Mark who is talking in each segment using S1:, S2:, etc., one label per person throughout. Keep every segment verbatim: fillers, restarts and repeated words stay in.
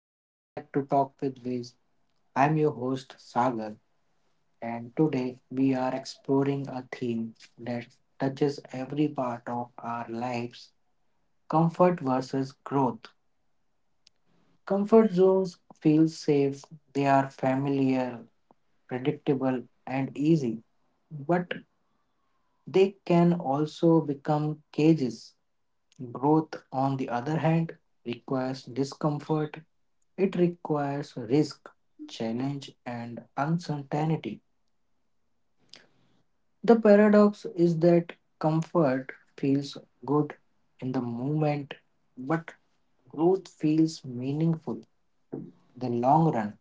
S1: Welcome back to Talk with Viz. I'm your host Sagar, and today we are exploring a theme that touches every part of our lives, comfort versus growth. Comfort zones feel safe, they are familiar, predictable, and easy, but they can also become cages. Growth, on the other hand, requires discomfort, it requires risk, challenge, and uncertainty. The paradox is that comfort feels good in the moment, but growth feels meaningful in the long run.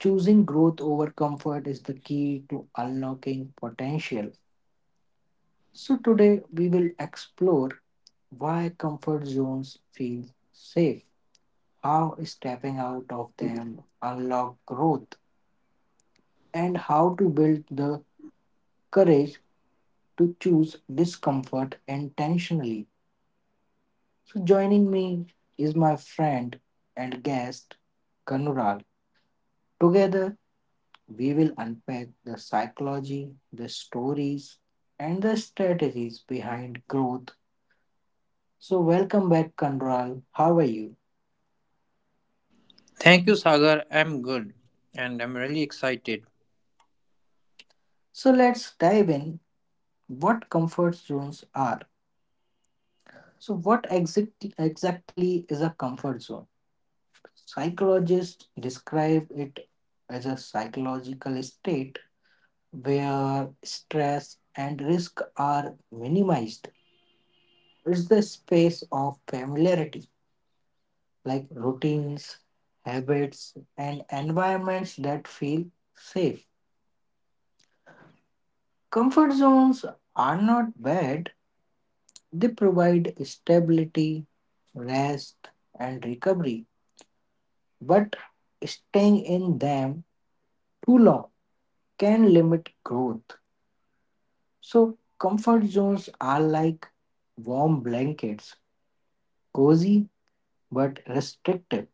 S1: Choosing growth over comfort is the key to unlocking potential. So, today we will explore why comfort zones feel safe, how stepping out of them unlock growth, and how to build the courage to choose discomfort intentionally. So joining me is my friend and guest Kanural. Together we will unpack the psychology, the stories, and the strategies behind growth. So welcome back, Kanural. How are you?
S2: Thank you, Sagar. I'm good and I'm really excited.
S1: So let's dive in what comfort zones are. So, what exactly, exactly is a comfort zone? Psychologists describe it as a psychological state where stress and risk are minimized. It's the space of familiarity, like routines, habits, and environments that feel safe. Comfort zones are not bad, they provide stability, rest, and recovery, but staying in them too long can limit growth. So, comfort zones are like warm blankets, cozy but restrictive.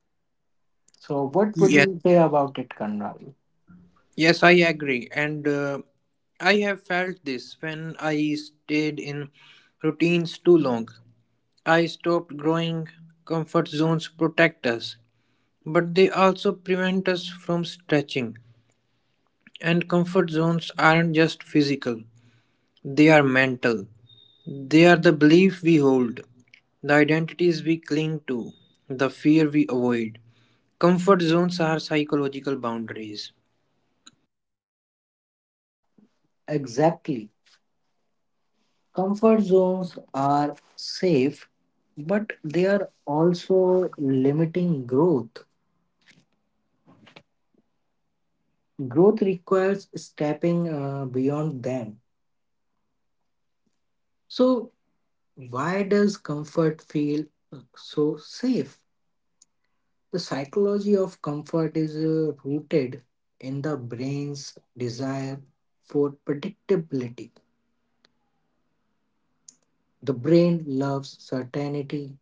S1: So, what would
S2: Yes,
S1: you say about it, Kanravi?
S2: yes, I agree. And uh, I have felt this when I stayed in routines too long. I stopped growing. Comfort zones protect us, but they also prevent us from stretching. And comfort zones aren't just physical, they are mental. They are the belief we hold, the identities we cling to, the fear we avoid. Comfort zones are psychological boundaries.
S1: Exactly. Comfort zones are safe, but they are also limiting growth. Growth requires stepping uh, beyond them. So, why does comfort feel uh, so safe? The psychology of comfort is uh, rooted in the brain's desire for predictability. The brain loves certainty,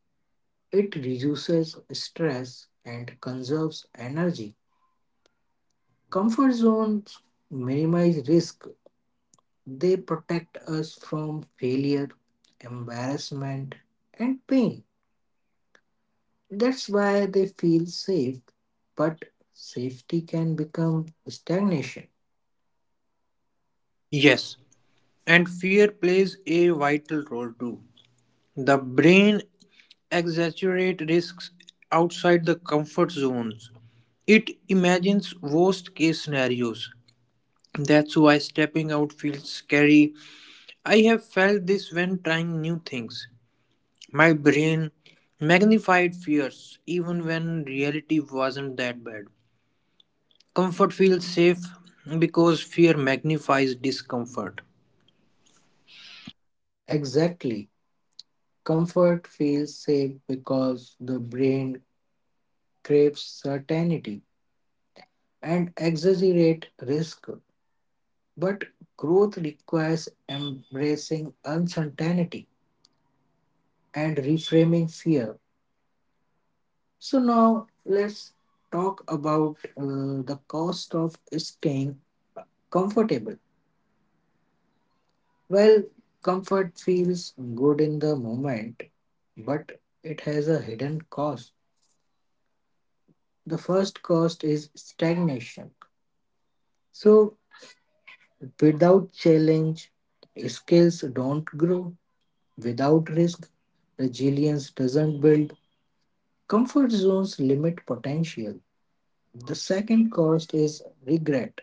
S1: it reduces stress and conserves energy. Comfort zones minimize risk, they protect us from failure, embarrassment, and pain. That's why they feel safe, but safety can become stagnation.
S2: Yes, and fear plays a vital role too. The brain exaggerates risks outside the comfort zones. It imagines worst case scenarios. That's why stepping out feels scary. I have felt this when trying new things. My brain magnified fears even when reality wasn't that bad. Comfort feels safe because fear magnifies discomfort.
S1: Exactly. Comfort feels safe because the brain craves certainty and exaggerate risk. But growth requires embracing uncertainty and reframing fear. So now let's talk about uh, the cost of staying comfortable. Well, comfort feels good in the moment, but it has a hidden cost. The first cost is stagnation. So, without challenge, skills don't grow. Without risk, resilience doesn't build. Comfort zones limit potential. The second cost is regret.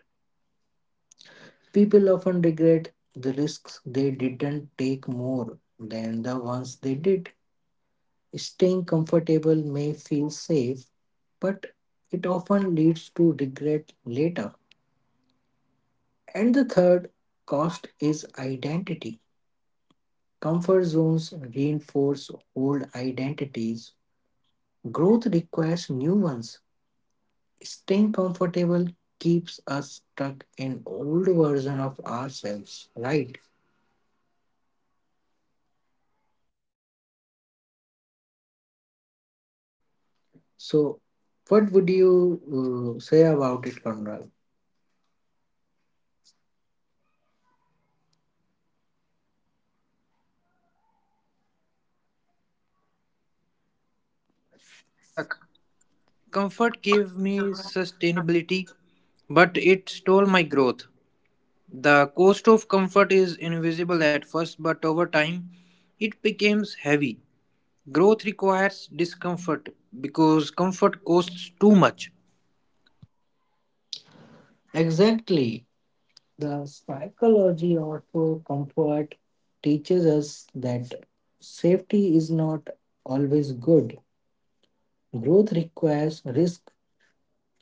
S1: People often regret the risks they didn't take more than the ones they did. Staying comfortable may feel safe, but it often leads to regret later. And the third cost is identity. Comfort zones reinforce old identities. Growth requires new ones. Staying comfortable keeps us stuck in old version of ourselves, right?
S2: Yes, and I have experienced this when I avoided challenges.
S1: So, what would you uh, say about it, Conrad?
S2: Yes, I, I have experienced this when I avoided challenges. I felt safe, but uh, I also felt stuck. Comfort gave me sustainability, but it stole my growth. The cost of comfort is invisible at first, but over time, it becomes heavy. Growth requires discomfort because comfort costs too much.
S1: Exactly. The psychology of uh, comfort teaches us that safety is not always good. Growth requires risk.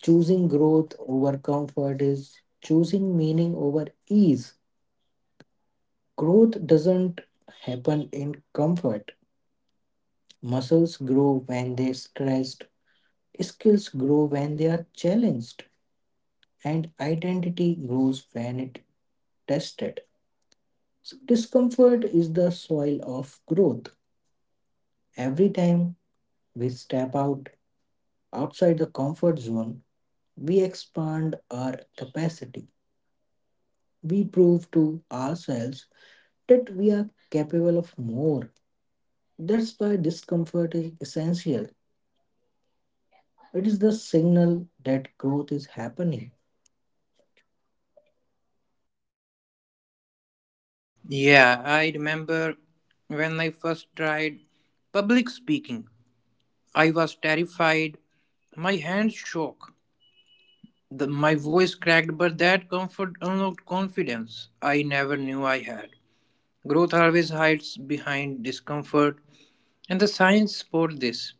S1: Choosing growth over comfort is choosing meaning over ease. Growth doesn't happen in comfort. Muscles grow when they're stressed, skills grow when they are challenged, and identity grows when it tested. So discomfort is the soil of growth. Every time we step out outside the comfort zone, we expand our capacity. We prove to ourselves that we are capable of more. That's why discomfort is essential. It is the signal that growth is happening.
S2: Yeah, I remember when I first tried public speaking. I was terrified. My hands shook. The, my voice cracked, but that comfort unlocked confidence I never knew I had. Growth always hides behind discomfort, and the science support this.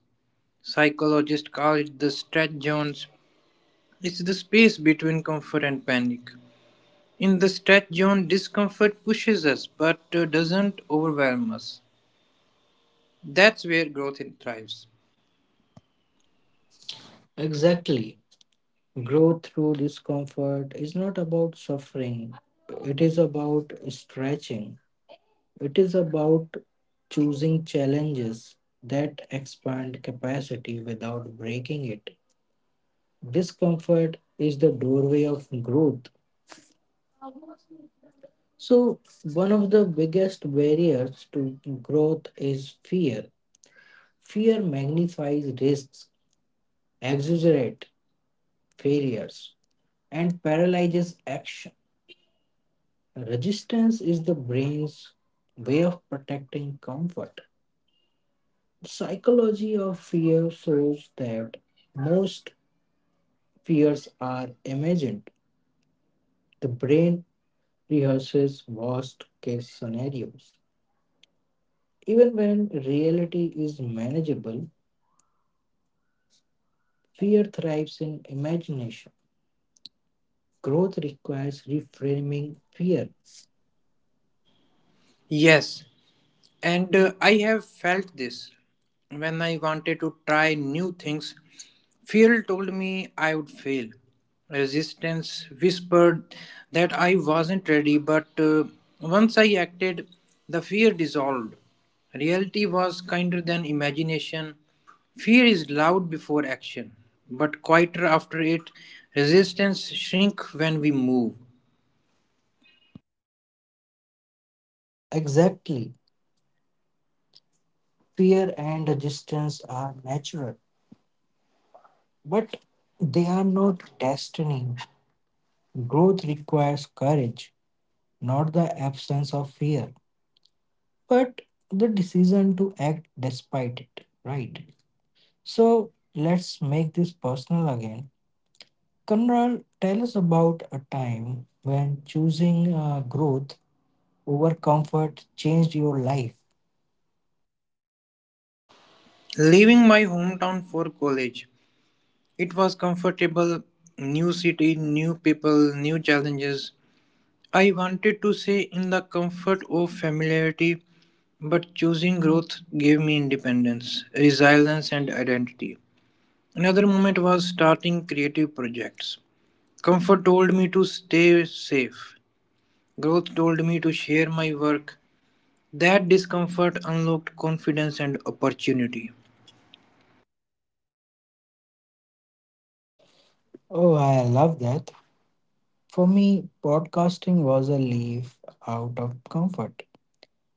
S2: Psychologists call it the stretch zones. It's the space between comfort and panic. In the stretch zone, discomfort pushes us but uh, doesn't overwhelm us. That's where growth in- thrives.
S1: Exactly. Growth through discomfort is not about suffering, it is about stretching, it is about choosing challenges that expand capacity without breaking it. Discomfort is the doorway of growth. So, one of the biggest barriers to growth is fear. Fear magnifies risks, exaggerates failures, and paralyzes action. Resistance is the brain's way of protecting comfort. The psychology of fear shows that most fears are imagined. The brain rehearses worst case scenarios. Even when reality is manageable, fear thrives in imagination. Growth requires reframing fear.
S2: Yes, and uh, I have felt this. When I wanted to try new things, fear told me I would fail. Resistance whispered that I wasn't ready, but uh, once I acted, the fear dissolved. Reality was kinder than imagination. Fear is loud before action, but quieter after it. Resistance shrink when we move.
S1: Exactly. Fear and resistance are natural, but they are not destiny. Growth requires courage, not the absence of fear, but the decision to act despite it, right? So let's make this personal again. Conrad, tell us about a time when choosing uh, growth over comfort changed your life.
S2: Leaving my hometown for college, it was comfortable, new city, new people, new challenges. I wanted to stay in the comfort of familiarity, but choosing growth gave me independence, resilience, and identity. Another moment was starting creative projects. Comfort told me to stay safe, growth told me to share my work. That discomfort unlocked confidence and opportunity.
S1: Oh, I love that. For me, podcasting was a leaf out of comfort.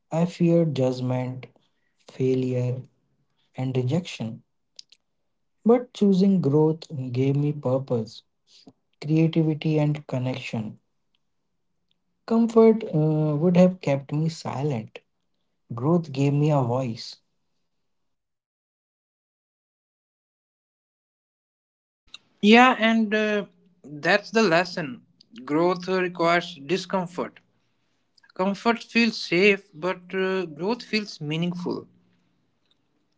S1: I feared judgment, failure, and rejection. But choosing growth gave me purpose, creativity, and connection. Comfort uh, would have kept me silent. Growth gave me a voice.
S2: Yeah, and uh, that's the lesson. Growth requires discomfort. Comfort feels safe, but uh, growth feels meaningful.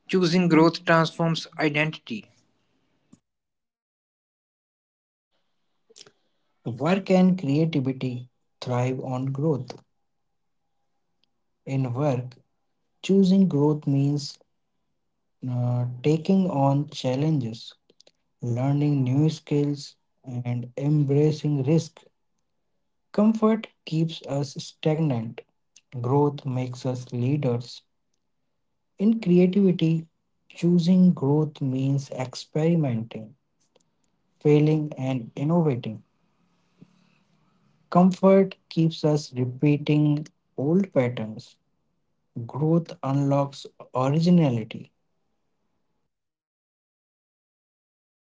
S2: Choosing growth transforms identity.
S1: Work and creativity thrive on growth. In work, choosing growth means uh, taking on challenges, learning new skills, and embracing risk. Comfort keeps us stagnant. Growth makes us leaders. In creativity, choosing growth means experimenting, failing, and innovating. Comfort keeps us repeating old patterns. Growth unlocks originality.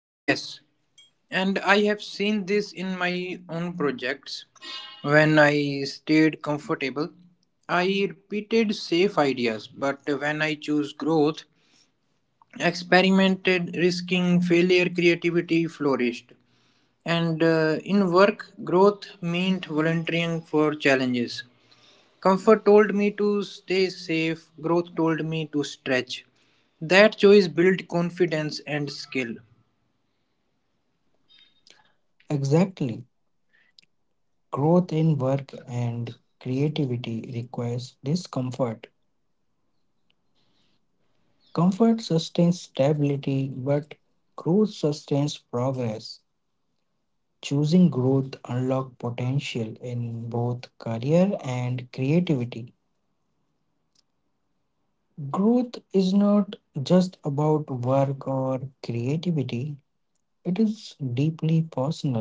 S2: Yes, and I have seen this in my own projects. When I stayed comfortable, I repeated safe ideas, but when I chose growth, experimented, risking failure, creativity flourished. And uh, In work, growth meant volunteering for challenges. Comfort told me to stay safe, growth told me to stretch. That choice built confidence and skill.
S1: Exactly. Growth in work and creativity requires discomfort. Comfort sustains stability, but growth sustains progress. Choosing growth unlock potential in both career and creativity. Growth is not just about work or creativity. It is deeply personal.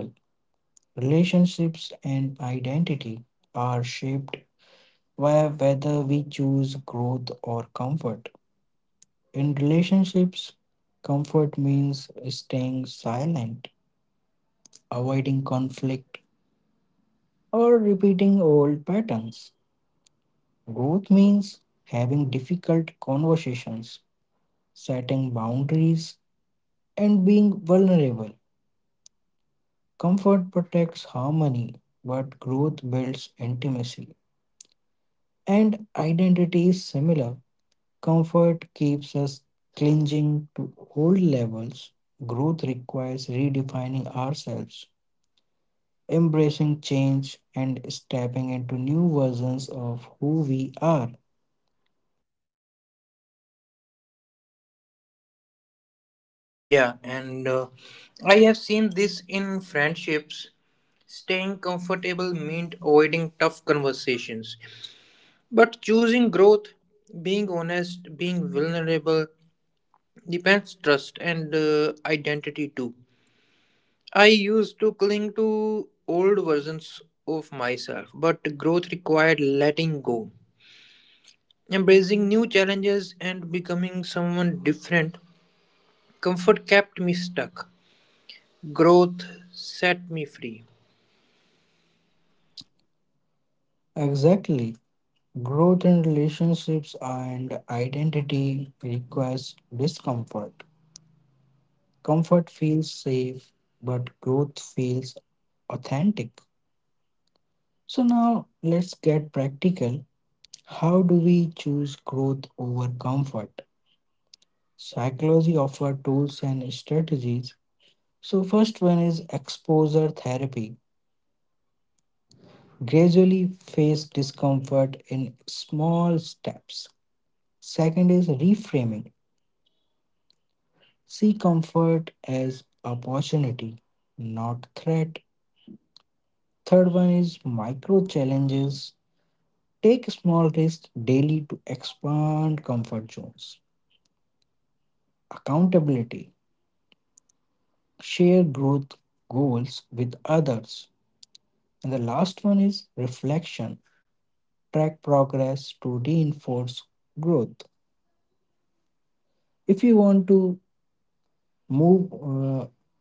S1: Relationships and identity are shaped by whether we choose growth or comfort. In relationships, comfort means staying silent, avoiding conflict, or repeating old patterns. Growth means having difficult conversations, setting boundaries, and being vulnerable. Comfort protects harmony, but growth builds intimacy. And identity is similar. Comfort keeps us clinging to old levels. Growth requires redefining ourselves, embracing change, and stepping into new versions of who we are.
S2: Yeah, and uh, I have seen this in friendships. Staying comfortable meant avoiding tough conversations. But choosing growth, being honest, being vulnerable, depends trust and uh, identity too. I used to cling to old versions of myself, but growth required letting go, embracing new challenges, and becoming someone different. Comfort kept me stuck, growth set me free.
S1: Exactly. Growth in relationships and identity requires discomfort. Comfort feels safe, but growth feels authentic. So, now let's get practical. How do we choose growth over comfort? Psychology offers tools and strategies. So, first one is exposure therapy. Gradually face discomfort in small steps. Second is reframing. See comfort as opportunity, not threat. Third one is micro challenges. Take small risks daily to expand comfort zones. Accountability. Share growth goals with others. And the last one is reflection. Track progress to reinforce growth. If you want to move uh,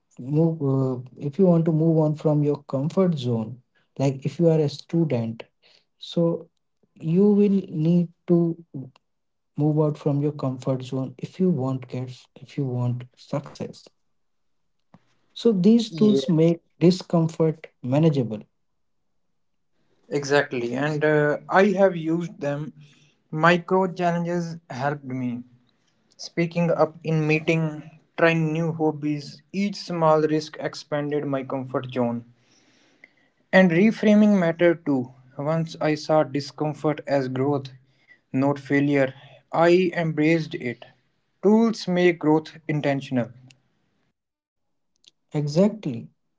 S1: move uh, if you want to move on from your comfort zone, like if you are a student, so you will need to move out from your comfort zone if you want get if you want success, so these
S2: Yeah,
S1: tools make discomfort manageable.
S2: exactly. And uh, I have used them. Micro challenges helped me. Speaking up in meeting, trying new hobbies, each small risk expanded my comfort zone. And reframing mattered too. Once I saw discomfort as growth, not failure, I embraced it. Tools make growth intentional.
S1: Exactly,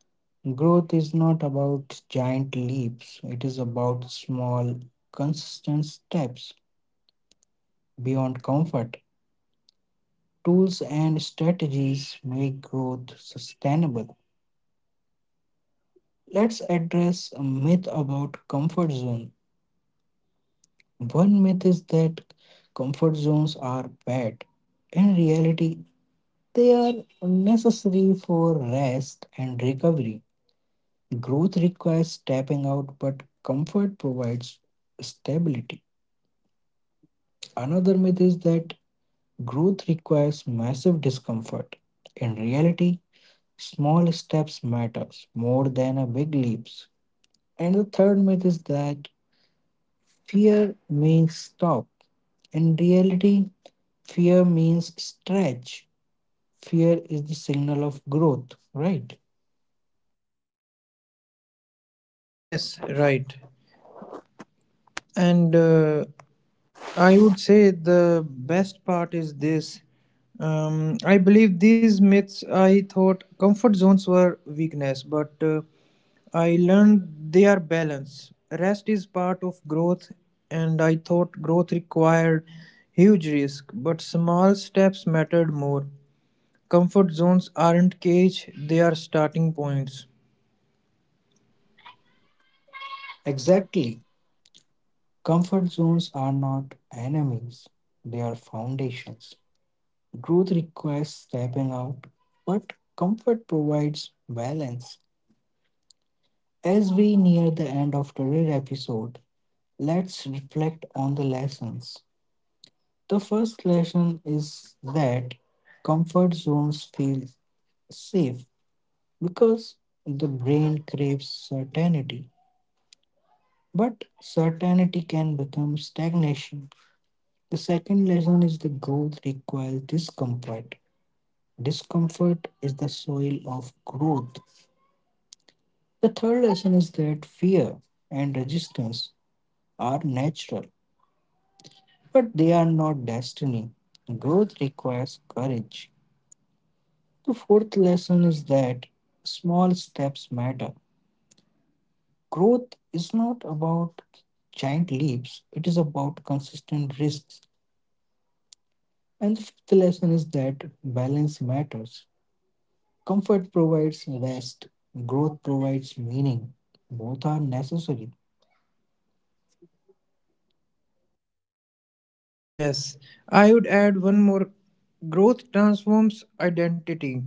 S1: growth is not about giant leaps, it is about small consistent steps beyond comfort. Tools and strategies make growth sustainable. Let's address a myth about comfort zone. One myth is that comfort zones are bad. In reality, they are necessary for rest and recovery. Growth requires stepping out, but comfort provides stability. Another myth is that growth requires massive discomfort. In reality, small steps matters more than a big leaps. And the third myth is that fear means stop. In reality, fear means stretch. Fear is the signal of growth, right?
S2: Yes, right. And uh, I would say the best part is this. Um, I believe these myths, I thought comfort zones were weakness, but uh, I learned they are balance. Rest is part of growth, and I thought growth required huge risk, but small steps mattered more. Comfort zones aren't cage, they are starting points.
S1: Exactly. Comfort zones are not enemies, they are foundations. Growth requires stepping out, but comfort provides balance. As we near the end of today's episode, let's reflect on the lessons. The first lesson is that comfort zones feel safe because the brain craves certainty, but certainty can become stagnation. The second lesson is the growth requires discomfort. Discomfort is the soil of growth. The third lesson is that fear and resistance are natural, but they are not destiny. Growth requires courage. The fourth lesson is that small steps matter. Growth is not about giant leaps, it is about consistent risks. And the fifth lesson is that balance matters. Comfort provides rest, growth provides meaning. Both are necessary.
S2: Yes, I would add one more growth transforms identity.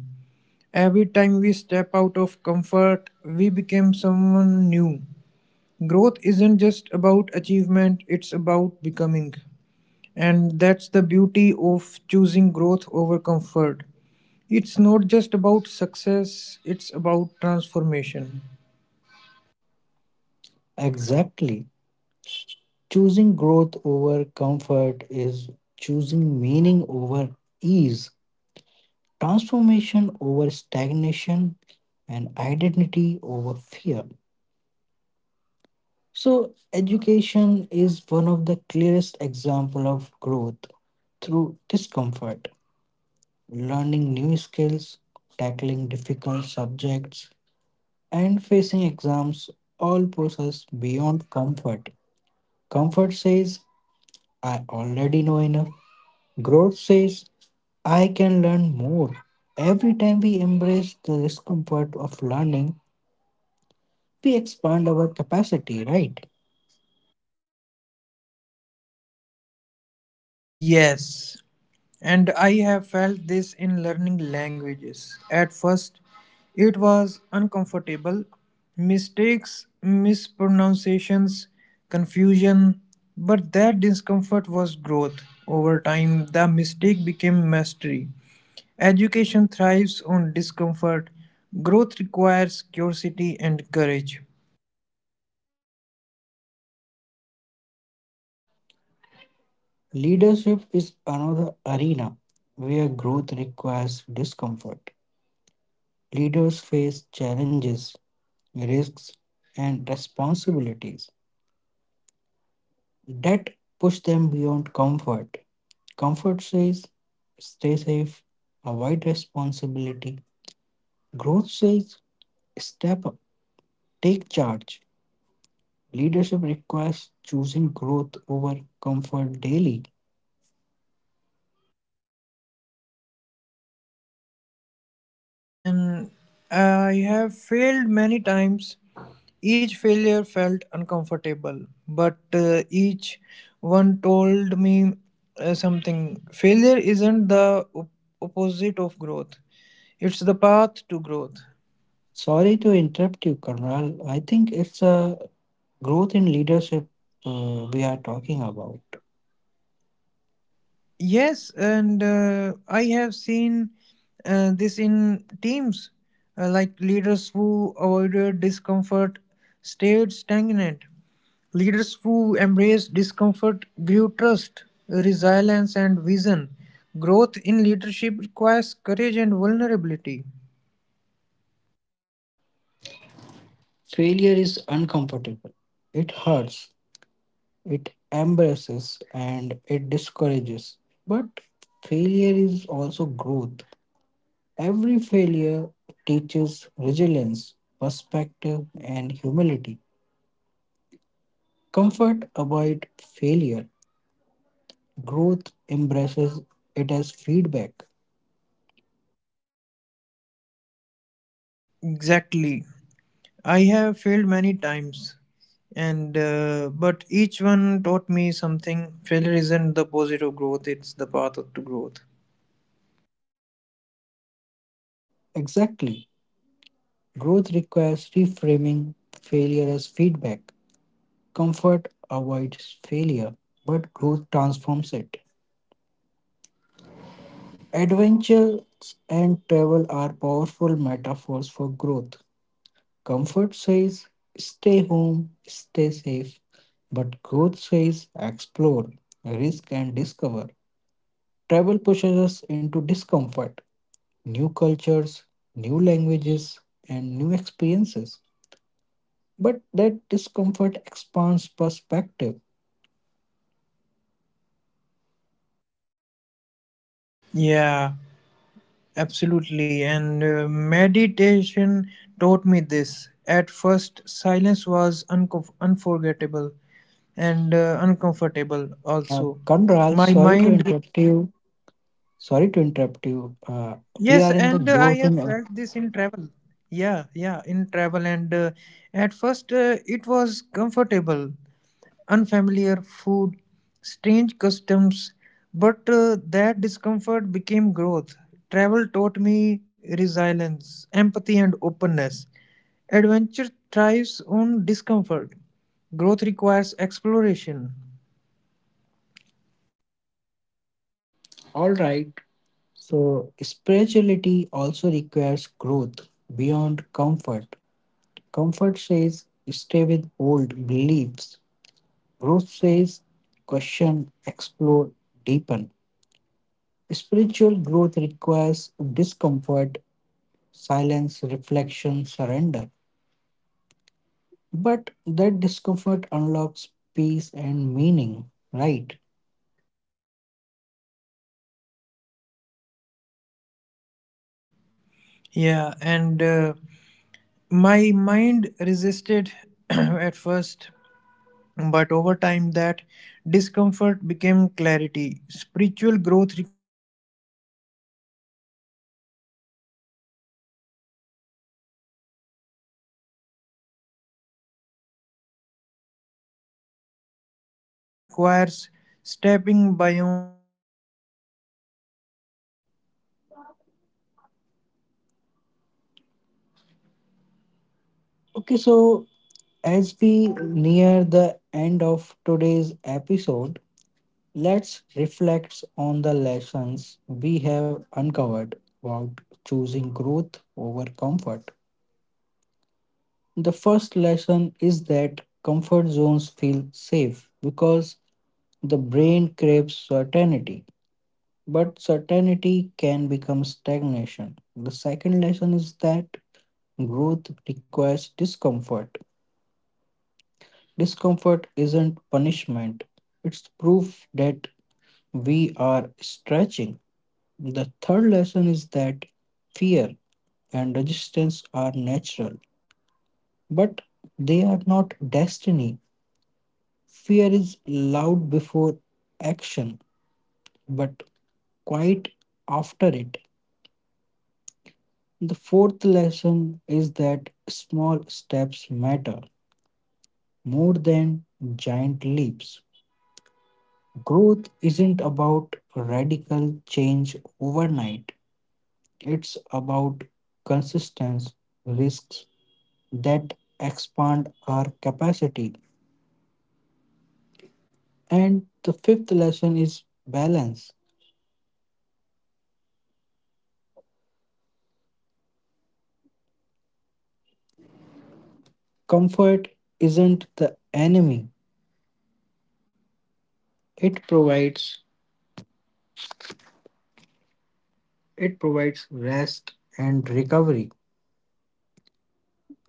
S2: Every time we step out of comfort, we become someone new. Growth isn't just about achievement, it's about becoming. And that's the beauty of choosing growth over comfort. It's not just about success, it's about transformation.
S1: Exactly. Choosing growth over comfort is choosing meaning over ease, transformation over stagnation, and identity over fear. So education is one of the clearest example of growth through discomfort, learning new skills, tackling difficult subjects, and facing exams all process beyond comfort. Comfort says I already know enough. Growth says I can learn more. Every time we embrace the discomfort of learning, we expand our capacity, right?
S2: Yes, and I have felt this in learning languages. At first, it was uncomfortable. Mistakes, mispronunciations, confusion, but that discomfort was growth. Over time, the mistake became mastery. Education thrives on discomfort. Growth requires curiosity and courage.
S1: Leadership is another arena where growth requires discomfort. Leaders face challenges, risks, and responsibilities that push them beyond comfort. Comfort says, stay safe, avoid responsibility. Growth says, step up, take charge. Leadership requires choosing growth over comfort daily.
S2: Yeah, and uh, I have failed many times. Each failure felt uncomfortable, but uh, each one told me uh, something. Failure isn't the op- opposite of growth, it's the path to growth.
S1: Sorry to interrupt you, Karnal. I think it's a growth in leadership uh, we are talking about.
S2: Yes, and uh, I have seen uh, this in teams, uh, like leaders who avoided discomfort stayed stagnant. Leaders who embraced discomfort grew trust, resilience, and vision. Growth in leadership requires courage and vulnerability.
S1: Failure is uncomfortable. It hurts, it embarrasses, and it discourages. But failure is also growth. Every failure teaches resilience, perspective, and humility. Comfort avoid failure. Growth embraces it as feedback.
S2: Exactly. I have failed many times, and uh, but each one taught me something. Failure isn't the opposite of growth; it's the path to growth.
S1: Exactly. Growth requires reframing failure as feedback. Comfort avoids failure, but growth transforms it. Adventures and travel are powerful metaphors for growth. Comfort says, stay home, stay safe, but growth says, explore, risk, and discover. Travel pushes us into discomfort, new cultures, new languages, and new experiences. But that discomfort expands perspective.
S2: Yeah, absolutely. And uh, Meditation taught me this. At first, silence was uncom unforgettable and uh, uncomfortable
S1: Uh,
S2: also.
S1: Kandral,
S2: My
S1: sorry to
S2: mind.
S1: interrupt you. Sorry to interrupt you. Uh, we
S2: Yes,
S1: are in the
S2: and uh, I
S1: growth
S2: have
S1: and
S2: felt this in travel. Yeah, yeah, in travel. And uh, at first, uh, it was comfortable, unfamiliar food, strange customs, but uh, that discomfort became growth. Travel taught me resilience, empathy, and openness. Adventure thrives on discomfort. Growth requires exploration.
S1: all right. So spirituality also requires growth beyond comfort. Comfort says stay with old beliefs. Growth says question, explore, deepen. Spiritual growth requires discomfort, silence, reflection, surrender. But that discomfort unlocks peace and meaning, right?
S2: Yeah, and uh, my mind resisted at first. But over time, that discomfort became clarity. Spiritual growth requires stepping beyond comfort into presence.
S1: Okay, so
S2: So, what do
S1: as
S2: you
S1: we
S2: think, Sagar?
S1: near the end of today's episode, let's reflect on the lessons we have uncovered about choosing growth over comfort. The first lesson is that comfort zones feel safe because the brain craves certainty, but certainty can become stagnation. The second lesson is that growth requires discomfort. Discomfort isn't punishment, it's proof that we are stretching. The third lesson is that fear and resistance are natural, but they are not destiny. Fear is loud before action, but quiet after it. The fourth lesson is that small steps matter more than giant leaps. Growth isn't about radical change overnight, it's about consistent risks that expand our capacity. And the fifth lesson is balance. Comfort isn't the enemy. It provides it provides rest and recovery.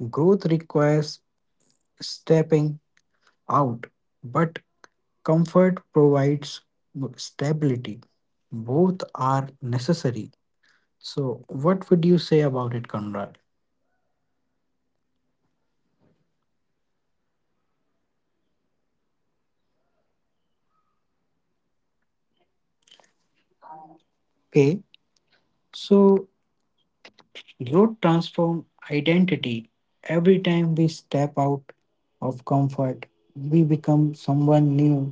S1: Growth requires stepping out, but comfort provides stability. Both are necessary. So, what would you say about it, Conrad? Okay, so growth transform identity. Every time we step out of comfort, we become someone new.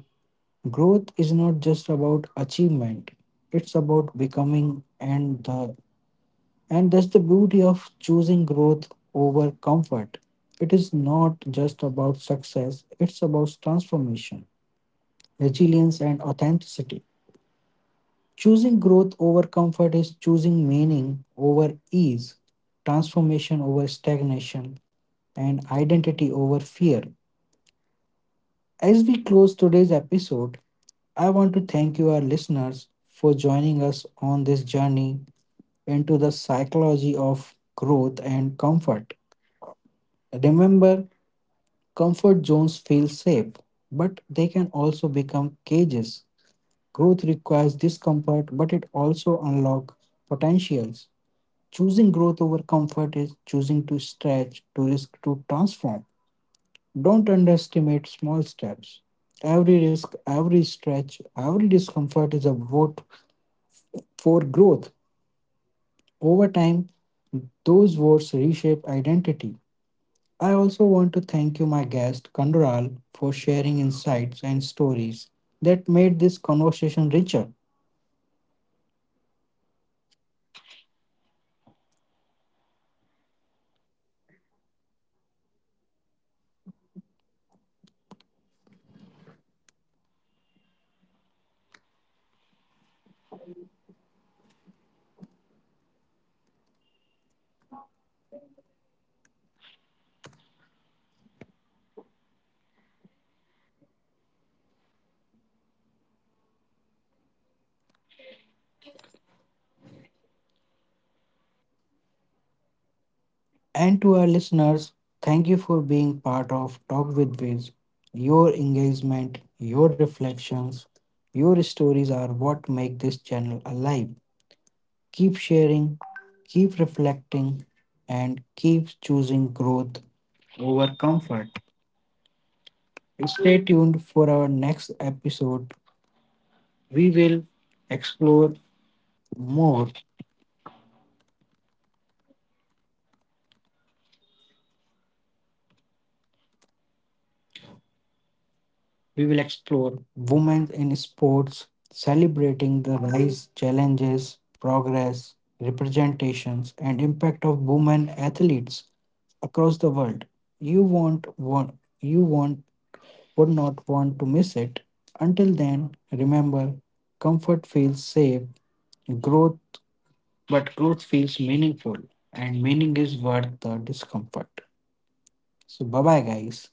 S1: Growth is not just about achievement; it's about becoming, and the and that's the beauty of choosing growth over comfort. It is not just about success; it's about transformation, resilience, and authenticity. Choosing growth over comfort is choosing meaning over ease, transformation over stagnation, and identity over fear. As we close today's episode, I want to thank you, our listeners, for joining us on this journey into the psychology of growth and comfort. Remember, comfort zones feel safe, but they can also become cages. Growth requires discomfort, but it also unlocks potentials. Choosing growth over comfort is choosing to stretch, to risk, to transform. Don't underestimate small steps. Every risk, every stretch, every discomfort is a vote for growth. Over time, those votes reshape identity. I also want to thank you, my guest, Kandural, for sharing insights and stories that made this conversation richer. And to our listeners, thank you for being part of Talk with Viz. Your engagement, your reflections, your stories are what make this channel alive. Keep sharing, keep reflecting, and keep choosing growth over comfort. Stay tuned for our next episode. We will explore more We will explore women in sports, celebrating the rise, challenges, progress, representations, and impact of women athletes across the world. You won't want you want would not want to miss it. Until then, remember, comfort feels safe, growth but growth feels meaningful, and meaning is worth the discomfort. So bye bye guys.